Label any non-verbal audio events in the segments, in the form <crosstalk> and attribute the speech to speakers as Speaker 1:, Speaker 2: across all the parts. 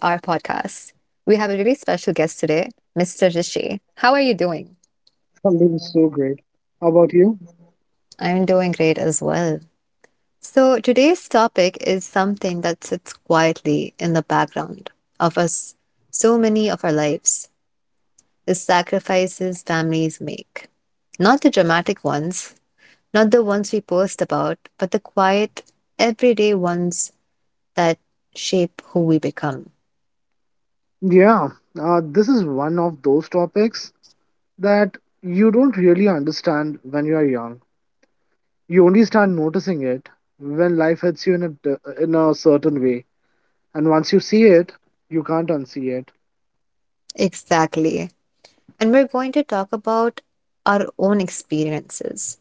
Speaker 1: We have a really special guest today, Mr. Rishi. How are you doing?
Speaker 2: I'm doing so great. How about you?
Speaker 1: I'm doing great as well. So, today's topic is something that sits quietly in the background of us, so many of our lives, the sacrifices families make. Not the dramatic ones, not the ones we post about, but the quiet, everyday ones that shape who we become.
Speaker 2: Yeah, this is one of those topics that you don't really understand when you are young. You only start noticing it when life hits you in a certain way, and once you see it, you can't unsee it.
Speaker 1: Exactly. And we're going to talk about our own experiences,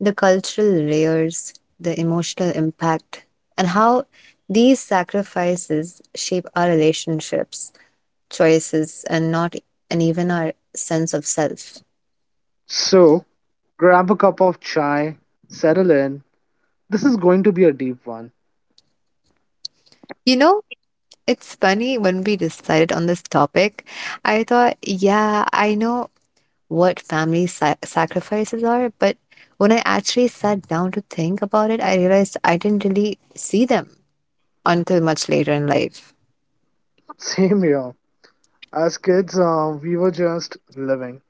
Speaker 1: the cultural layers, the emotional impact, and how these sacrifices shape our relationships, choices, and not and even our sense of self.
Speaker 2: So grab a cup of chai, settle in. This is going to be a deep one.
Speaker 1: You know, it's funny. When we decided on this topic, I thought, yeah, I know what family sacrifices are. But when I actually sat down to think about it, I realized I didn't really see them until much later in life.
Speaker 2: <laughs> Same here. As kids, we were just living.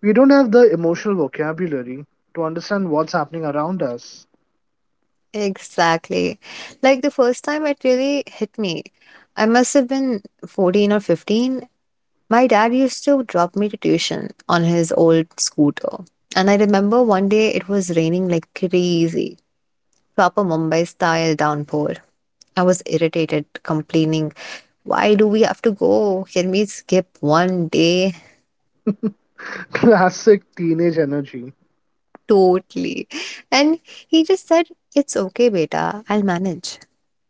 Speaker 2: We don't have the emotional vocabulary to understand what's happening around us.
Speaker 1: Exactly. Like, the first time it really hit me, I must have been 14 or 15. My dad used to drop me to tuition on his old scooter. And I remember one day it was raining like crazy. Proper Mumbai style downpour. I was irritated, complaining, why do we have to go? Can we skip one day? <laughs>
Speaker 2: Classic teenage energy.
Speaker 1: Totally. And he just said, "It's okay, beta, I'll manage."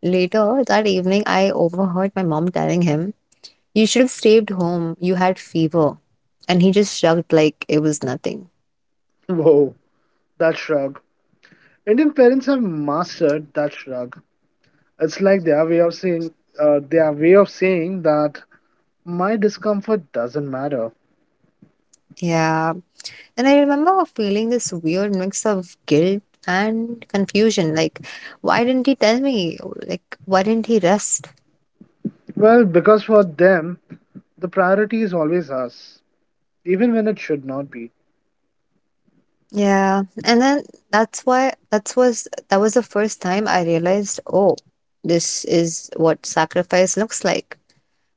Speaker 1: Later that evening, I overheard my mom telling him, "You should have stayed home, you had fever." And he just shrugged like it was nothing.
Speaker 2: Whoa, that shrug. Indian parents have mastered that shrug. It's like their way of saying that my discomfort doesn't matter.
Speaker 1: Yeah. And I remember feeling this weird mix of guilt and confusion. Like, why didn't he tell me? Like, why didn't he rest?
Speaker 2: Well, because for them, the priority is always us, even when it should not be.
Speaker 1: Yeah. And then, that was the first time I realized, oh, this is what sacrifice looks like.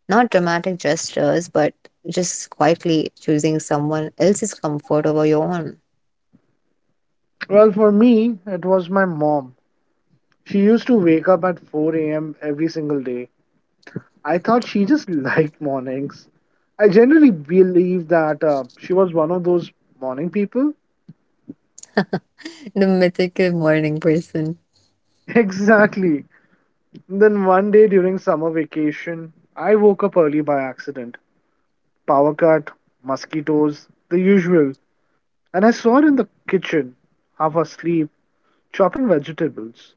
Speaker 1: Not dramatic gestures, but just quietly choosing someone else's comfort over your own.
Speaker 2: Well, for me, it was my mom. She used to wake up at 4 a.m. every single day. I thought she just <laughs> liked mornings. I generally believe that she was one of those morning people.
Speaker 1: The mythical morning person.
Speaker 2: <laughs> Exactly. Then one day during summer vacation, I woke up early by accident. Power cut, mosquitoes, the usual. And I saw her in the kitchen, half asleep, chopping vegetables.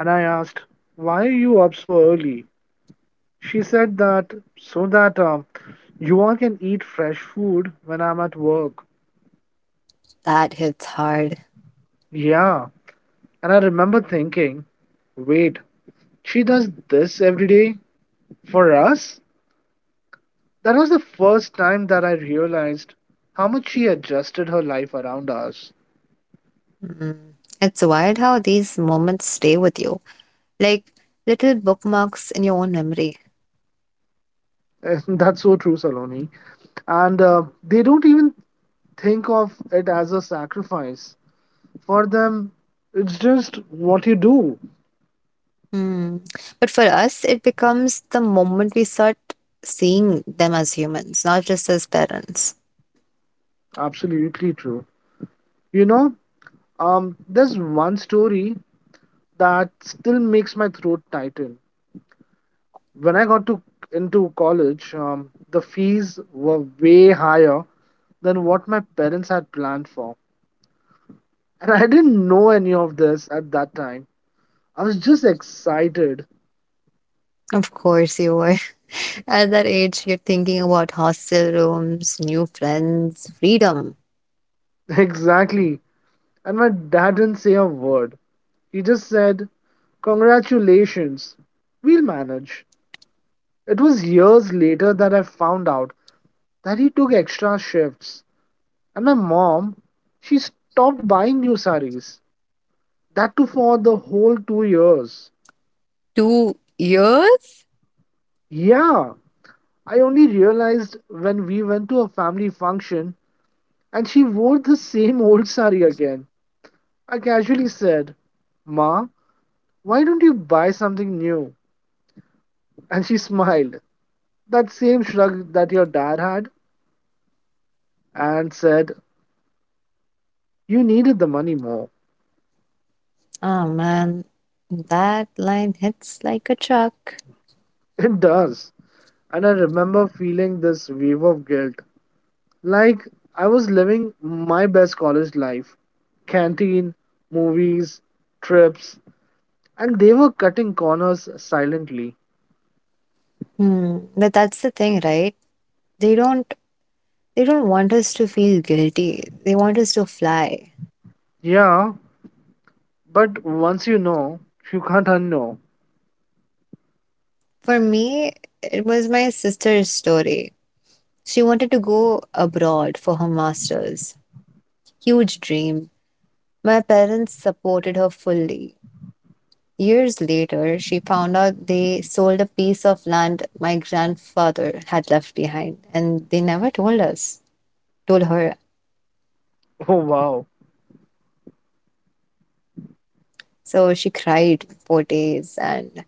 Speaker 2: And I asked, "Why are you up so early?" She said that so that um, you all can eat fresh food when I'm at work.
Speaker 1: That hits hard.
Speaker 2: Yeah. And I remember thinking, "Wait, she does this every day for us?" That was the first time that I realized how much she adjusted her life around us.
Speaker 1: Mm. It's wild how these moments stay with you, like little bookmarks in your own memory.
Speaker 2: <laughs> That's so true, Saloni. And they don't even think of it as a sacrifice. For them, it's just what you do.
Speaker 1: Hmm. But for us, it becomes the moment we start seeing them as humans, not just as parents.
Speaker 2: Absolutely true. You know, there's one story that still makes my throat tighten. When I got to Into college, the fees were way higher than what my parents had planned for. And I didn't know any of this at that time. I was just excited. <laughs>
Speaker 1: Of course, you were. <laughs> At that age, you're thinking about hostel rooms, new friends, freedom.
Speaker 2: Exactly. And my dad didn't say a word. He just said, "Congratulations. We'll manage." It was years later that I found out that he took extra shifts. And my mom, she stopped buying new saris. That too for the whole 2 years.
Speaker 1: 2 years?
Speaker 2: Yeah, I only realized when we went to a family function and she wore the same old sari again. I casually said, "Ma, why don't you buy something new?" And she smiled, that same shrug that your dad had, and said, "You needed the money more."
Speaker 1: Oh man, that line hits like a truck.
Speaker 2: <laughs> It does. And I remember feeling this wave of guilt, like I was living my best college life, canteen, movies, trips, and they were cutting corners silently.
Speaker 1: Hmm. But that's the thing, right? They don't they don't want us to feel guilty. They want us to fly.
Speaker 2: Yeah, but once you know, you can't unknow.
Speaker 1: For me, it was my sister's story. She wanted to go abroad for her master's. Huge dream. My parents supported her fully. Years later, she found out they sold a piece of land my grandfather had left behind, and they never told her.
Speaker 2: <laughs> Oh wow.
Speaker 1: So she cried for days, and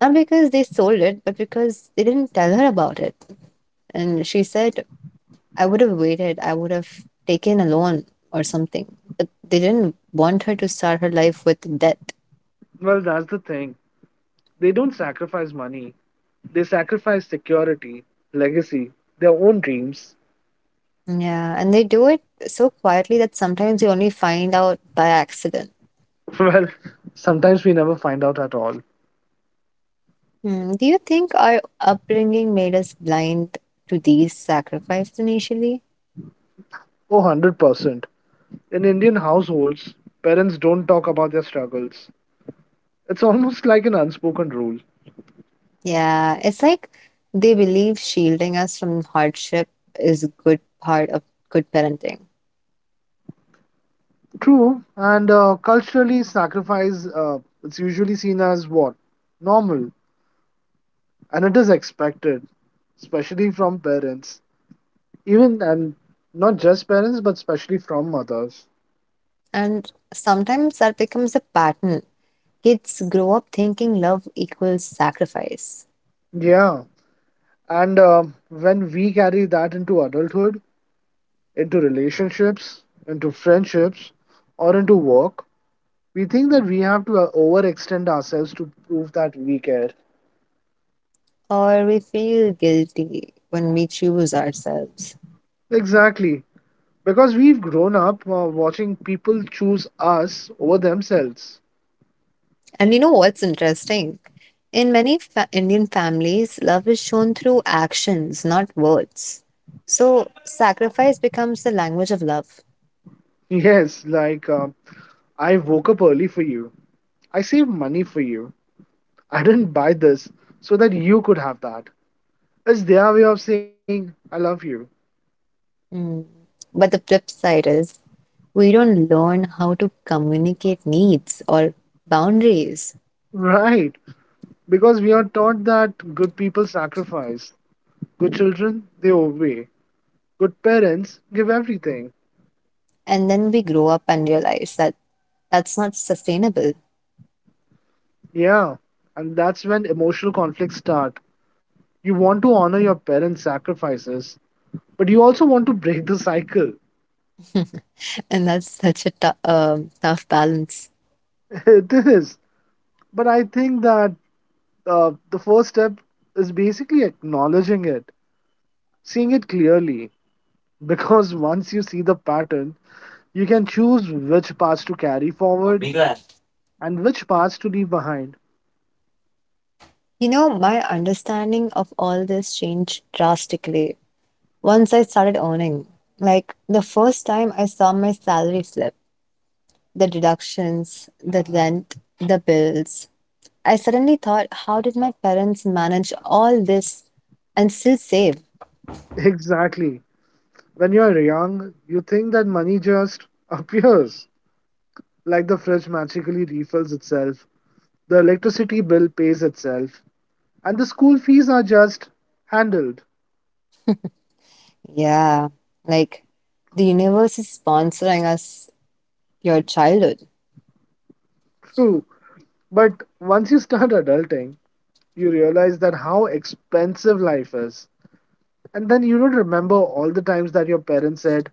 Speaker 1: not because they sold it, but because they didn't tell her about it. And she said, "I would have waited. I would have taken a loan or something." But they didn't want her to start her life with debt.
Speaker 2: Well, that's the thing. They don't sacrifice money, they sacrifice security, legacy, their own dreams.
Speaker 1: Yeah, and they do it so quietly that sometimes you only find out by accident.
Speaker 2: <laughs> Well, sometimes we never find out at all.
Speaker 1: Hmm. Do you think our upbringing made us blind to these sacrifices initially?
Speaker 2: Oh, 100%. In Indian households, parents don't talk about their struggles. It's almost like an unspoken rule.
Speaker 1: Yeah, it's like they believe shielding us from hardship is a good part of good parenting.
Speaker 2: True, and culturally, sacrifice, it's usually seen as what normal, and it is expected, especially from parents. Even and not just parents, but especially from mothers.
Speaker 1: And sometimes that becomes a pattern. Kids grow up thinking love equals sacrifice,
Speaker 2: Yeah, and when we carry that into adulthood, into relationships, into friendships, or into work, we think that we have to overextend ourselves to prove that we care.
Speaker 1: or we feel guilty when we choose ourselves.
Speaker 2: Exactly. Because we've grown up watching people choose us over themselves.
Speaker 1: And you know what's interesting? In many Indian families, love is shown through actions, not words. So sacrifice becomes the language of love.
Speaker 2: Yes, like I woke up early for you. I saved money for you. I didn't buy this so that you could have that. It's their way of saying, "I love you."
Speaker 1: Mm. But the flip side is, we don't learn how to communicate needs or boundaries.
Speaker 2: Right. Because we are taught that good people sacrifice, good children, they obey, good parents give everything.
Speaker 1: And then we grow up and realize that that's not sustainable.
Speaker 2: Yeah, and that's when emotional conflicts start. You want to honor your parents' sacrifices, but you also want to break the cycle.
Speaker 1: And that's such a tough balance.
Speaker 2: <laughs> It is. But I think that the first step is basically acknowledging it, seeing it clearly. Because <laughs> once you see the pattern, you can choose which parts to carry forward and which parts to leave behind.
Speaker 1: You know, my understanding of all this changed drastically once I started earning. Like, the first time I saw my salary slip, the deductions, the rent, the bills, I suddenly thought, how did my parents manage all this and still save?
Speaker 2: Exactly. When you're young, you think that money just <laughs> appears. Like the fridge magically refills itself, the electricity bill pays itself, and the school fees are just handled.
Speaker 1: Yeah, like the universe is sponsoring us your childhood.
Speaker 2: True. But once you start adulting, you realize that how expensive life is. And then you don't remember all the times that your parents said,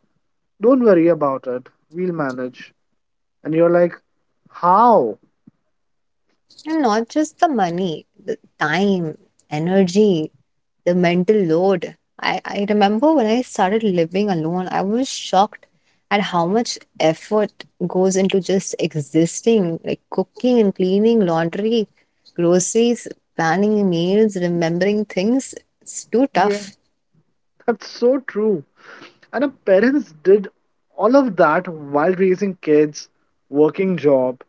Speaker 2: "Don't worry about it, we'll manage." And you're like, "How?"
Speaker 1: And not just the money, the time, energy, the mental load. I remember when I started living alone, I was shocked at how much effort goes into just existing, like cooking and cleaning, laundry, groceries, planning meals, remembering things. It's too tough.
Speaker 2: That's so true. And our parents did all of that while raising kids, working job,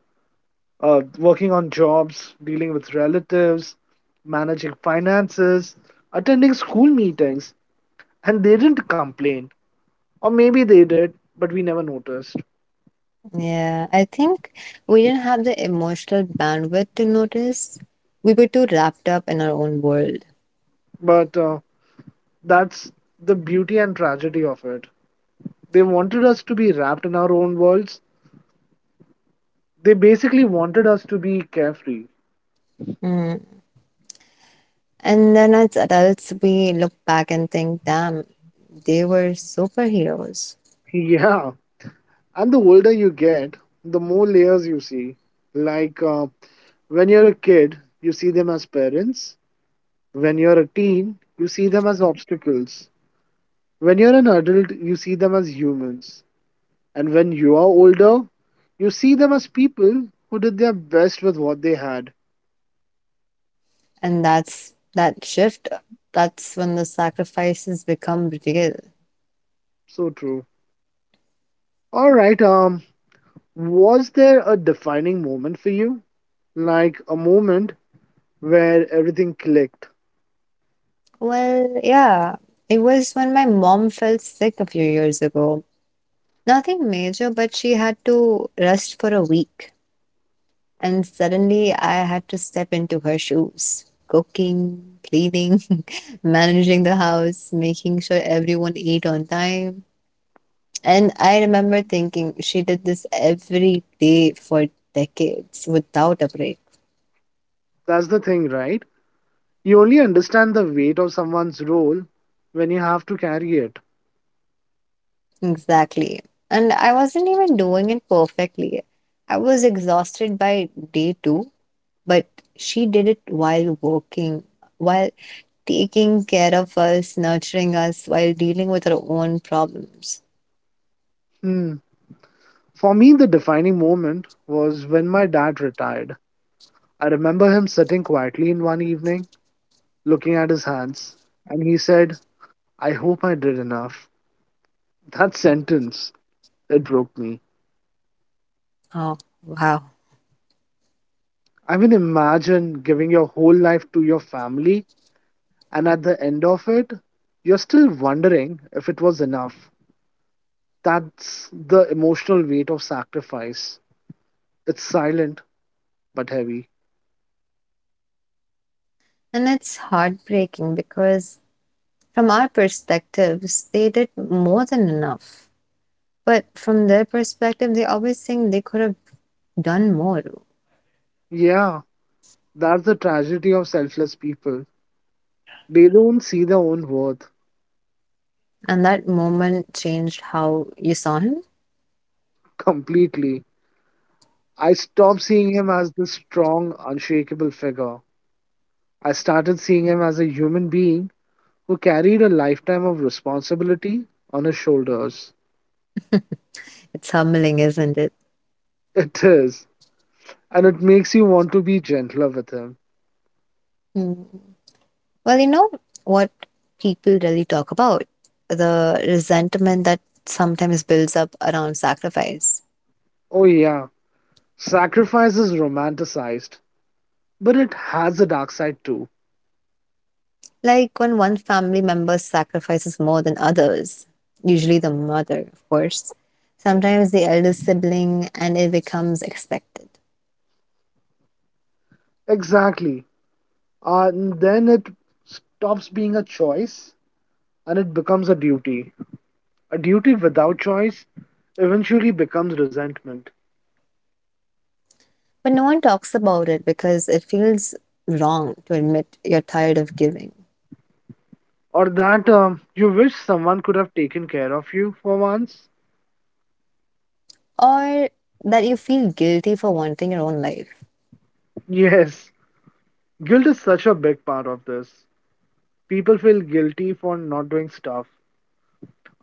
Speaker 2: working on jobs, dealing with relatives, managing finances, attending school meetings, and they didn't complain. Or maybe they did, but we never noticed.
Speaker 1: Yeah, I think we didn't have the emotional bandwidth to notice. We were too wrapped up in our own world.
Speaker 2: But that's the beauty and tragedy of it. They wanted us to be wrapped in our own worlds. They basically wanted us to be carefree.
Speaker 1: Mm. And then as adults, we look back and think, damn, they were superheroes.
Speaker 2: <laughs> Yeah. And the older you get, the more layers you see. Like when you're a kid, you see them as parents. When you're a teen, you see them as obstacles. When you're an adult, you see them as humans. And when you are older, you see them as people who did their best with what they had.
Speaker 1: And that's that shift. That's when the sacrifices become real.
Speaker 2: So true. All right. Was there a defining moment for you? Like a moment where everything clicked?
Speaker 1: Well, yeah, it was when my mom fell sick a few years ago. Nothing major, but she had to rest for a week. And suddenly I had to step into her shoes. Cooking, cleaning, <laughs> managing the house, making sure everyone ate on time. And I remember thinking, she did this every day for decades without a break.
Speaker 2: That's the thing, right? You only understand the weight of someone's role when you have to carry it.
Speaker 1: Exactly. And I wasn't even doing it perfectly. I was exhausted by day two, but she did it while working, while taking care of us, nurturing us, while dealing with her own problems.
Speaker 2: Hmm. For me, the defining moment was when my dad retired. I remember him sitting quietly in one evening, looking at his hands, and he said, "I hope I did enough." <laughs> That sentence, it broke me.
Speaker 1: Oh, wow.
Speaker 2: I mean, imagine giving your whole life to your family, and at the end of it, you're still wondering if it was enough. That's the emotional weight of sacrifice. It's silent, but heavy.
Speaker 1: And it's heartbreaking because, from our perspectives, they did more than enough. But from their perspective, they always think they could have done more.
Speaker 2: Yeah, that's the tragedy of selfless people. They don't see their own worth
Speaker 1: And that moment changed how you saw him.
Speaker 2: completely. I stopped seeing him as this strong, unshakable figure. I started seeing him as a human being who carried a lifetime of responsibility on his shoulders.
Speaker 1: It's humbling, isn't it?
Speaker 2: It is, and it makes you want to be gentler with him.
Speaker 1: Mm. Well, you know what people really talk about, the resentment that sometimes builds up around sacrifice.
Speaker 2: Oh, yeah, sacrifice is romanticized, but it has a dark side too.
Speaker 1: Like when one family member sacrifices more than others, usually the mother, of course, sometimes the elder sibling, and it becomes expected.
Speaker 2: Exactly. And then it stops being a choice and it becomes a duty. A duty without choice eventually becomes resentment,
Speaker 1: But no one talks about it because it feels wrong to admit you're tired of giving,
Speaker 2: or that you wish someone could have taken care of you for once.
Speaker 1: or that you feel guilty for wanting your own life.
Speaker 2: Yes, guilt is such a big part of this. People feel guilty for not doing stuff,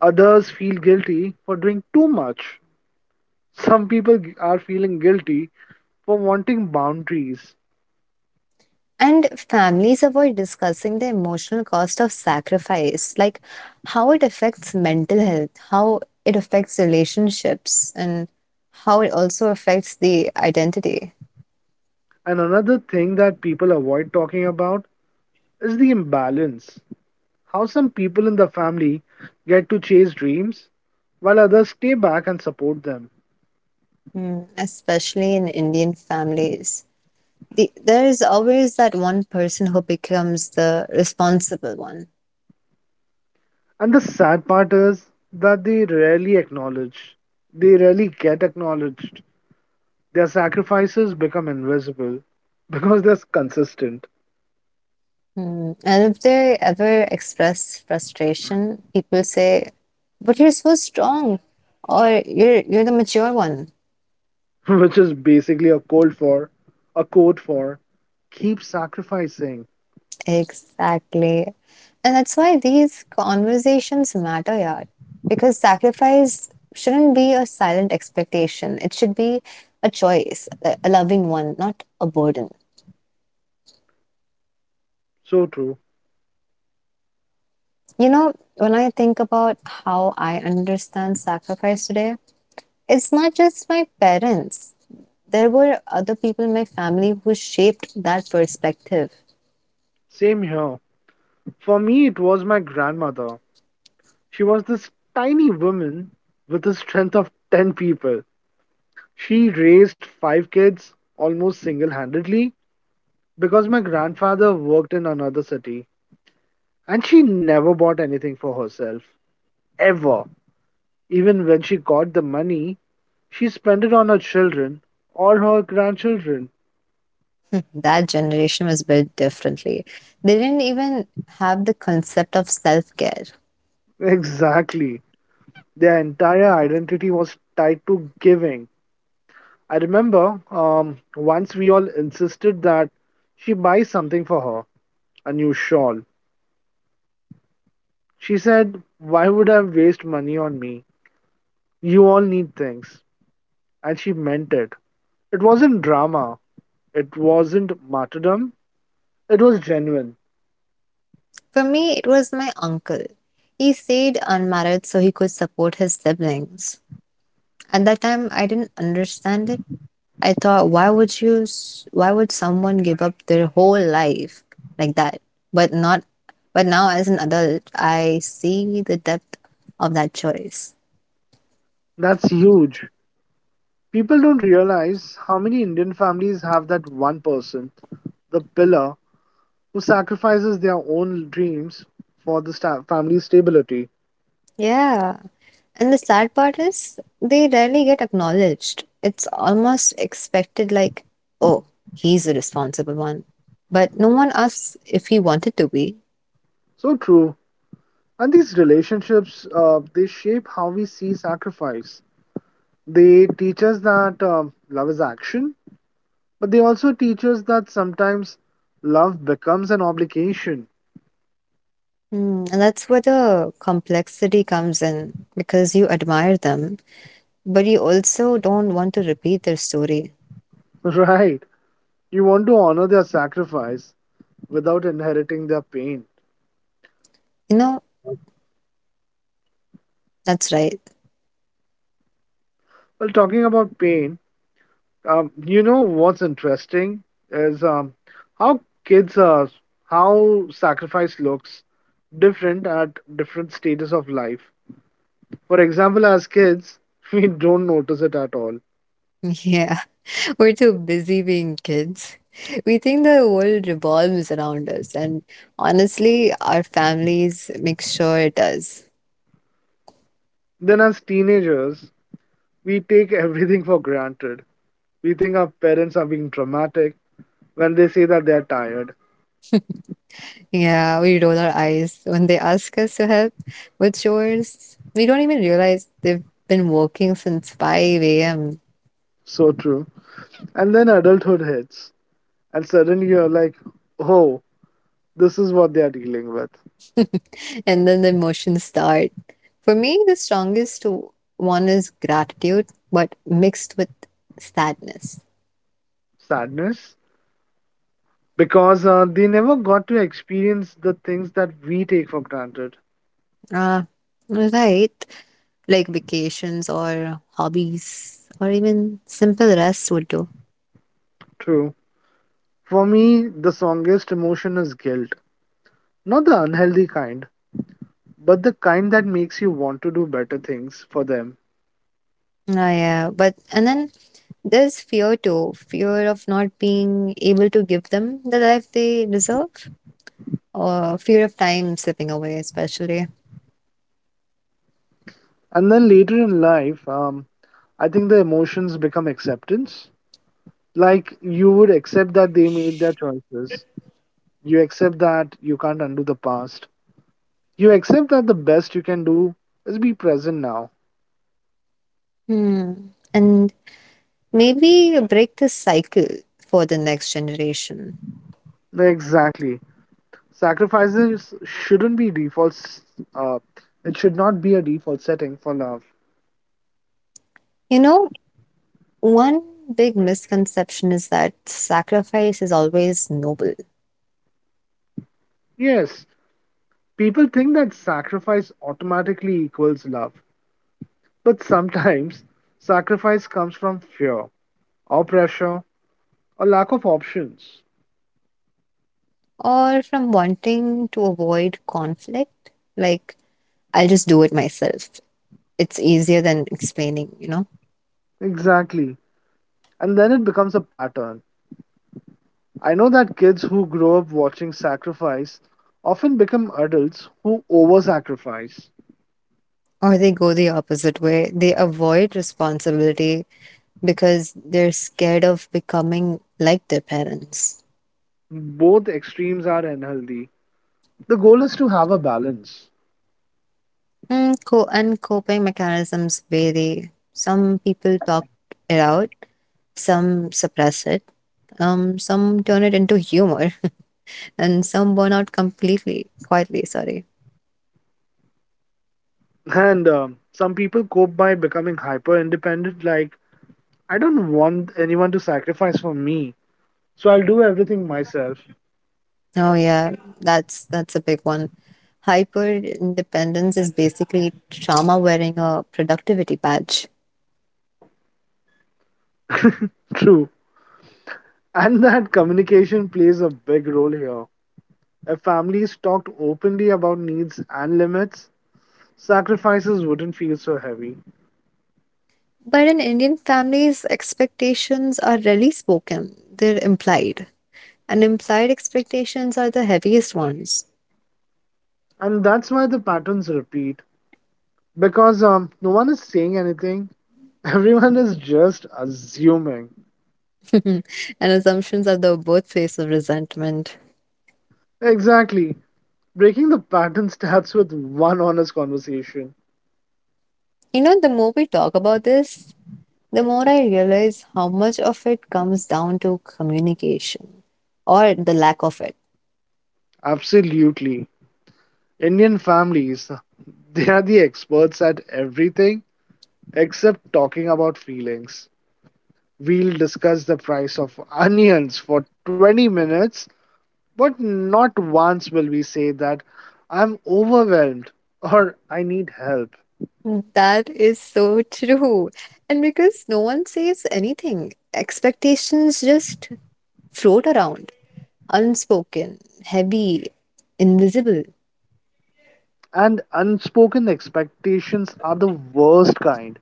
Speaker 2: others feel guilty for doing too much. Some people are feeling guilty for wanting boundaries.
Speaker 1: And families avoid discussing the emotional cost of sacrifice, like how it affects mental health, how it affects relationships, and how it also affects the identity.
Speaker 2: And another thing that people avoid talking about is the imbalance. How some people in the family get to chase dreams while others stay back and support them.
Speaker 1: Mm, especially in Indian families. There is always that one person who becomes the responsible one.
Speaker 2: And the sad part is that they rarely get acknowledged. Their sacrifices become invisible <laughs> because they're consistent,
Speaker 1: Hmm. And if they ever express frustration, people say, "But you're so strong," or "You're the mature one."
Speaker 2: <laughs> which is basically a code for, a code for keep sacrificing.
Speaker 1: Exactly. And that's why these conversations matter, yeah. Because sacrifice shouldn't be a silent expectation. It should be a choice, a loving one, not a burden.
Speaker 2: So true.
Speaker 1: You know, when I think about how I understand sacrifice today, it's not just my parents. There were other people in my family who shaped that perspective.
Speaker 2: Same here. For me, it was my grandmother. She was this tiny woman with the strength of 10 people. She raised 5 kids almost single handedly because my grandfather worked in another city and she never bought anything for herself, ever. Even when she got the money, she spent it on her children or her grandchildren. <laughs>
Speaker 1: That generation was built differently. They didn't even have the concept of self care.
Speaker 2: Exactly. Their entire identity was tied to giving. I remember once we all insisted that she buy something for her, a new shawl. She said, "Why would I waste money on me? You all need things." And she meant it. It wasn't drama. It wasn't martyrdom. It was genuine.
Speaker 1: For me, it was my uncle. He stayed unmarried so he could support his siblings. At that time, I didn't understand it. I thought, why would someone give up their whole life like that? But not, But now as an adult, I see the depth of that choice.
Speaker 2: That's huge. People don't realize how many Indian families have that one person, the pillar, who sacrifices their own dreams for the family's stability.
Speaker 1: Yeah. And the sad part is, they rarely get acknowledged. It's almost expected, like, oh, he's the responsible one. But no one asks if he wanted to be.
Speaker 2: So true. And these relationships, they shape how we see sacrifice. They teach us that love is action, but they also teach us that sometimes love becomes an obligation.
Speaker 1: Hmm, and that's where the complexity comes in, because you admire them, but you also don't want to repeat their story.
Speaker 2: <laughs> Right. You want to honor their sacrifice without inheriting their pain.
Speaker 1: You know, that's right.
Speaker 2: Well, talking about pain, you know what's interesting is how kids are, how sacrifice looks different at different stages of life. For example, as kids, <laughs> we don't notice it at all.
Speaker 1: Yeah, <laughs> we're too busy being kids. We think the world revolves around us, and honestly, our families make sure it does.
Speaker 2: Then, as teenagers, we take everything for granted. We think our parents are being dramatic when they say that they're tired.
Speaker 1: Yeah, we roll our eyes when they ask us to help with chores. We don't even realize they've been working since 5 a.m.
Speaker 2: So true. And then adulthood hits, and suddenly you're like, oh, this is what they're dealing with
Speaker 1: And then the emotions start. For me, the strongest one is gratitude, but mixed with sadness.
Speaker 2: sadness. Because they never got to experience the things that we take for granted.
Speaker 1: Ah, right. Like vacations or hobbies or even simple rest would do.
Speaker 2: True. For me, the strongest emotion is guilt. Not the unhealthy kind, but the kind that makes you want to do better things for them.
Speaker 1: Ah, yeah. But and then there's fear too, fear of not being able to give them the life they deserve, or fear of time slipping away, especially.
Speaker 2: And then later in life, I think the emotions become acceptance. Like, you would accept that they made their choices, you accept that you can't undo the past, you accept that the best you can do is be present now.
Speaker 1: Hmm. And maybe break this cycle for the next generation.
Speaker 2: Exactly. Sacrifices shouldn't be uh, it should not be a default setting for love.
Speaker 1: You know, one big misconception is that sacrifice is always noble,
Speaker 2: Yes, people think that sacrifice automatically equals love, but sometimes sacrifice comes from fear or pressure or lack of options.
Speaker 1: or from wanting to avoid conflict, like, I'll just do it myself. It's easier than explaining, you know?
Speaker 2: Exactly. And then it becomes a pattern. I know that kids who grow up watching sacrifice often become adults who over sacrifice.
Speaker 1: Or they go the opposite way. They avoid responsibility because they're scared of becoming like their parents.
Speaker 2: Both extremes are unhealthy. The goal is to have a balance.
Speaker 1: Mm, and coping mechanisms vary. Some people talk it out, some suppress it, some turn it into humor, <laughs> and some burn out completely, quietly. Sorry.
Speaker 2: And some people cope by becoming hyper independent, like, I don't want anyone to sacrifice for me, so I'll do everything myself.
Speaker 1: Oh yeah, that's a big one. Hyper independence is basically trauma wearing a productivity badge.
Speaker 2: <laughs> True. And that communication plays a big role here. If families talked openly about needs and limits, sacrifices wouldn't feel so heavy.
Speaker 1: But in Indian families, expectations are rarely spoken; they're implied, and implied expectations are the heaviest ones.
Speaker 2: And that's why the patterns repeat, because no one is saying anything, <laughs> everyone is just assuming.
Speaker 1: <laughs> And assumptions are the birthplace of resentment.
Speaker 2: Exactly. Breaking the pattern starts with one honest conversation.
Speaker 1: You know, the more we talk about this, the more I realize how much of it comes down to communication, or the lack of it.
Speaker 2: Absolutely. Indian families, <laughs> they are the experts at everything except talking about feelings. We'll discuss the price of onions for 20 minutes, but not once will we say that I'm overwhelmed or I need help.
Speaker 1: That is so <laughs> true. And because no one says anything, expectations just float around, unspoken, heavy, invisible.
Speaker 2: And unspoken expectations are the worst kind,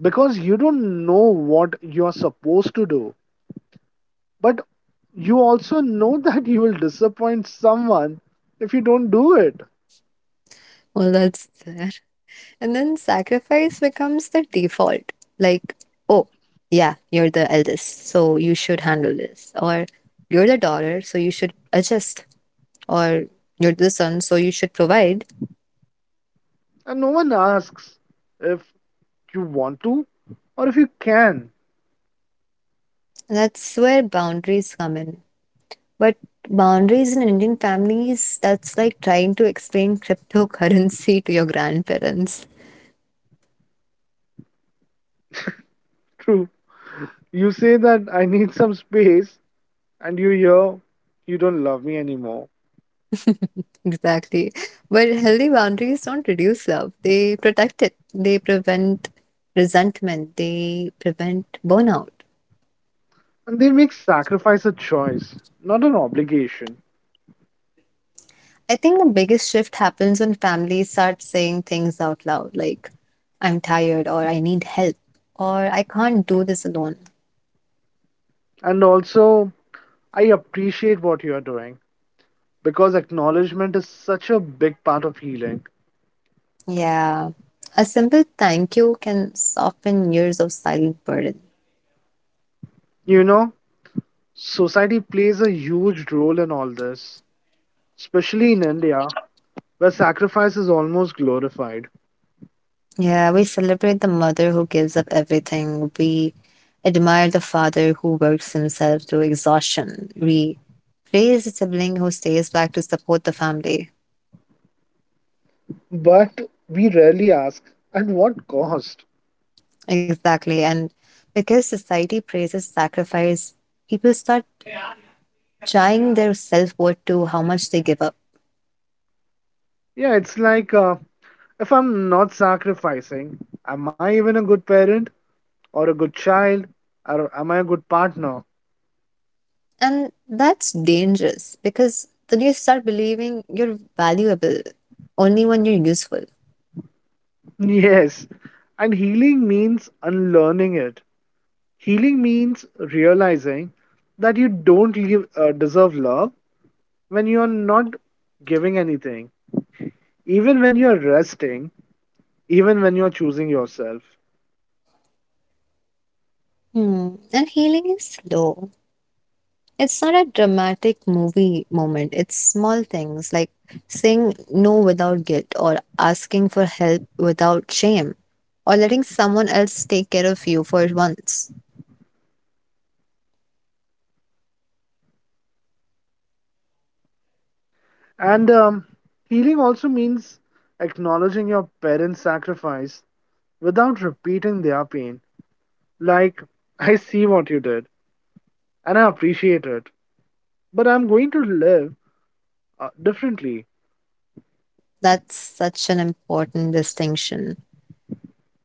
Speaker 2: because you don't know what you're supposed to do, but you also know <laughs> that you will disappoint someone if you don't do it.
Speaker 1: Well, that's And then sacrifice becomes the default. Like, oh, yeah, you're the eldest, so you should handle this. Or you're the daughter, so you should adjust. Or you're the son, so you should provide.
Speaker 2: And no one asks if you want to or if you can.
Speaker 1: That's where boundaries come in. But boundaries in Indian families, that's like trying to explain cryptocurrency <laughs> to your grandparents.
Speaker 2: True. You say that I need some space, and you hear you don't love me anymore.
Speaker 1: Exactly. But healthy boundaries don't reduce love, they protect it, they prevent resentment, they prevent burnout.
Speaker 2: And they make sacrifice a choice, not an obligation.
Speaker 1: I think the biggest shift happens when families start saying things out loud, like, "I'm tired," or "I need help," or "I can't do this alone."
Speaker 2: And also, I appreciate what you are doing, because acknowledgement is such a big part of healing.
Speaker 1: Yeah. A simple thank you can soften years of silent burden.
Speaker 2: You know, society plays a huge role in all this, especially in India, where sacrifice is almost glorified.
Speaker 1: Yeah, we celebrate the mother who gives up everything. We admire the father who works himself to exhaustion. We praise the sibling who stays back to support the family.
Speaker 2: But we rarely ask, at what cost?
Speaker 1: Exactly. And because society praises sacrifice, people start tying their self-worth to how much they give up.
Speaker 2: Yeah, it's like if I'm not sacrificing, am I even a good parent or a good child or am I a good partner?
Speaker 1: And that's dangerous, because then you start believing you're valuable only when you're useful.
Speaker 2: Yes. And healing means unlearning it. Healing means realizing that you don't leave, deserve love when you are not giving anything, even when you are resting, even when you are choosing yourself.
Speaker 1: Hmm. And healing is slow. It's not a dramatic movie moment, it's small things like saying no without guilt, or asking for help without shame, or letting someone else take care of you for once.
Speaker 2: And healing also means acknowledging your parents' sacrifice without repeating their pain. Like, I see what you did and I appreciate it, but I'm going to live differently.
Speaker 1: That's such an important distinction.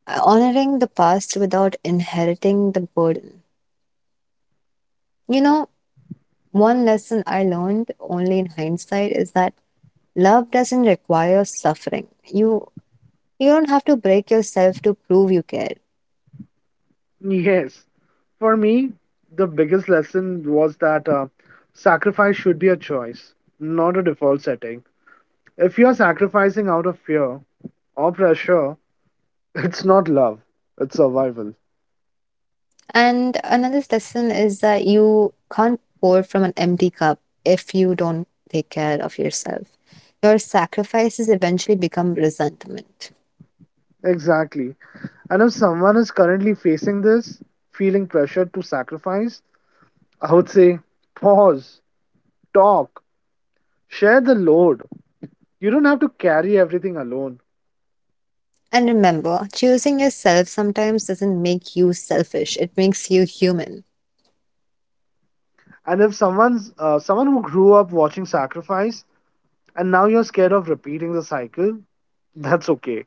Speaker 1: Honoring the past without inheriting the burden. You know, one lesson I learned only in hindsight is that love doesn't require suffering. You don't have to break yourself to prove you care.
Speaker 2: Yes. For me, the biggest lesson was that sacrifice should be a choice, not a default setting. If you're sacrificing out of fear or pressure, <laughs> it's not love, it's survival.
Speaker 1: And another lesson is that you can't pour from an empty cup. If you don't take care of yourself, your sacrifices eventually become resentment.
Speaker 2: Exactly. And if someone is currently facing this, feeling pressured to sacrifice, I would say pause, talk, share the load. You don't have to carry everything alone.
Speaker 1: And remember, choosing yourself sometimes doesn't make you selfish, it makes you human.
Speaker 2: And if someone's someone who grew up watching sacrifice and now you're scared of repeating the cycle, that's okay.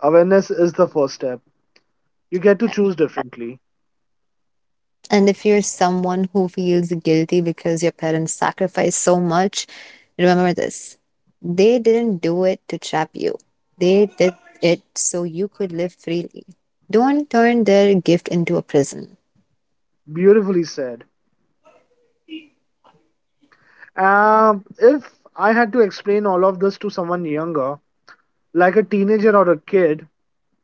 Speaker 2: Awareness is the first step. You get to choose differently.
Speaker 1: And if you're someone who feels guilty because your parents sacrificed so much, remember this: they didn't do it to trap you, they did it so you could live freely. Don't turn their gift into a prison.
Speaker 2: Beautifully said. If I had to explain all of this to someone younger, like a teenager or a kid,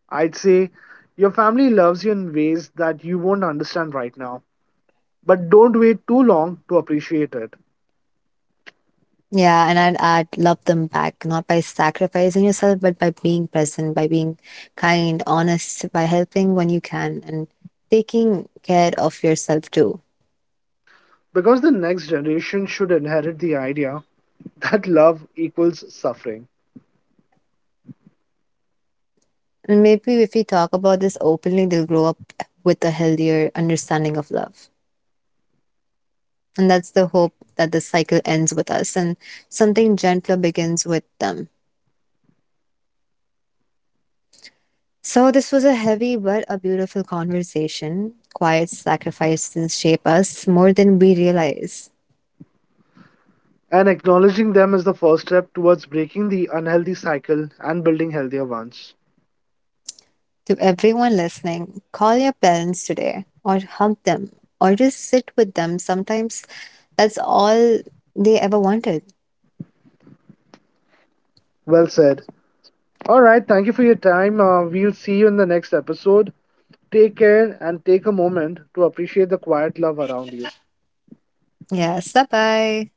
Speaker 2: I'd say your family loves you in ways that you won't understand right now. But don't wait too long to appreciate it.
Speaker 1: Yeah, and I'd add, love them back, not by sacrificing yourself, but by being present, by being kind, honest, by helping when you can, and taking care of yourself too.
Speaker 2: Because the next generation should inherit the idea that love equals suffering.
Speaker 1: And maybe if we talk about this openly, they'll grow up with a healthier understanding of love. And that's the hope, that the cycle ends with us and something gentler begins with them. So, this was a heavy but a beautiful conversation. Quiet sacrifices shape us more than we realize.
Speaker 2: And acknowledging them is the first step towards breaking the unhealthy cycle and building healthier ones.
Speaker 1: To everyone listening, call your parents today, or hug them, or just sit with them. Sometimes that's all they ever wanted.
Speaker 2: Well said. All right, thank you for your time. We'll see you in the next episode. Take care and take a moment to appreciate the quiet love around you.
Speaker 1: Yes, bye bye.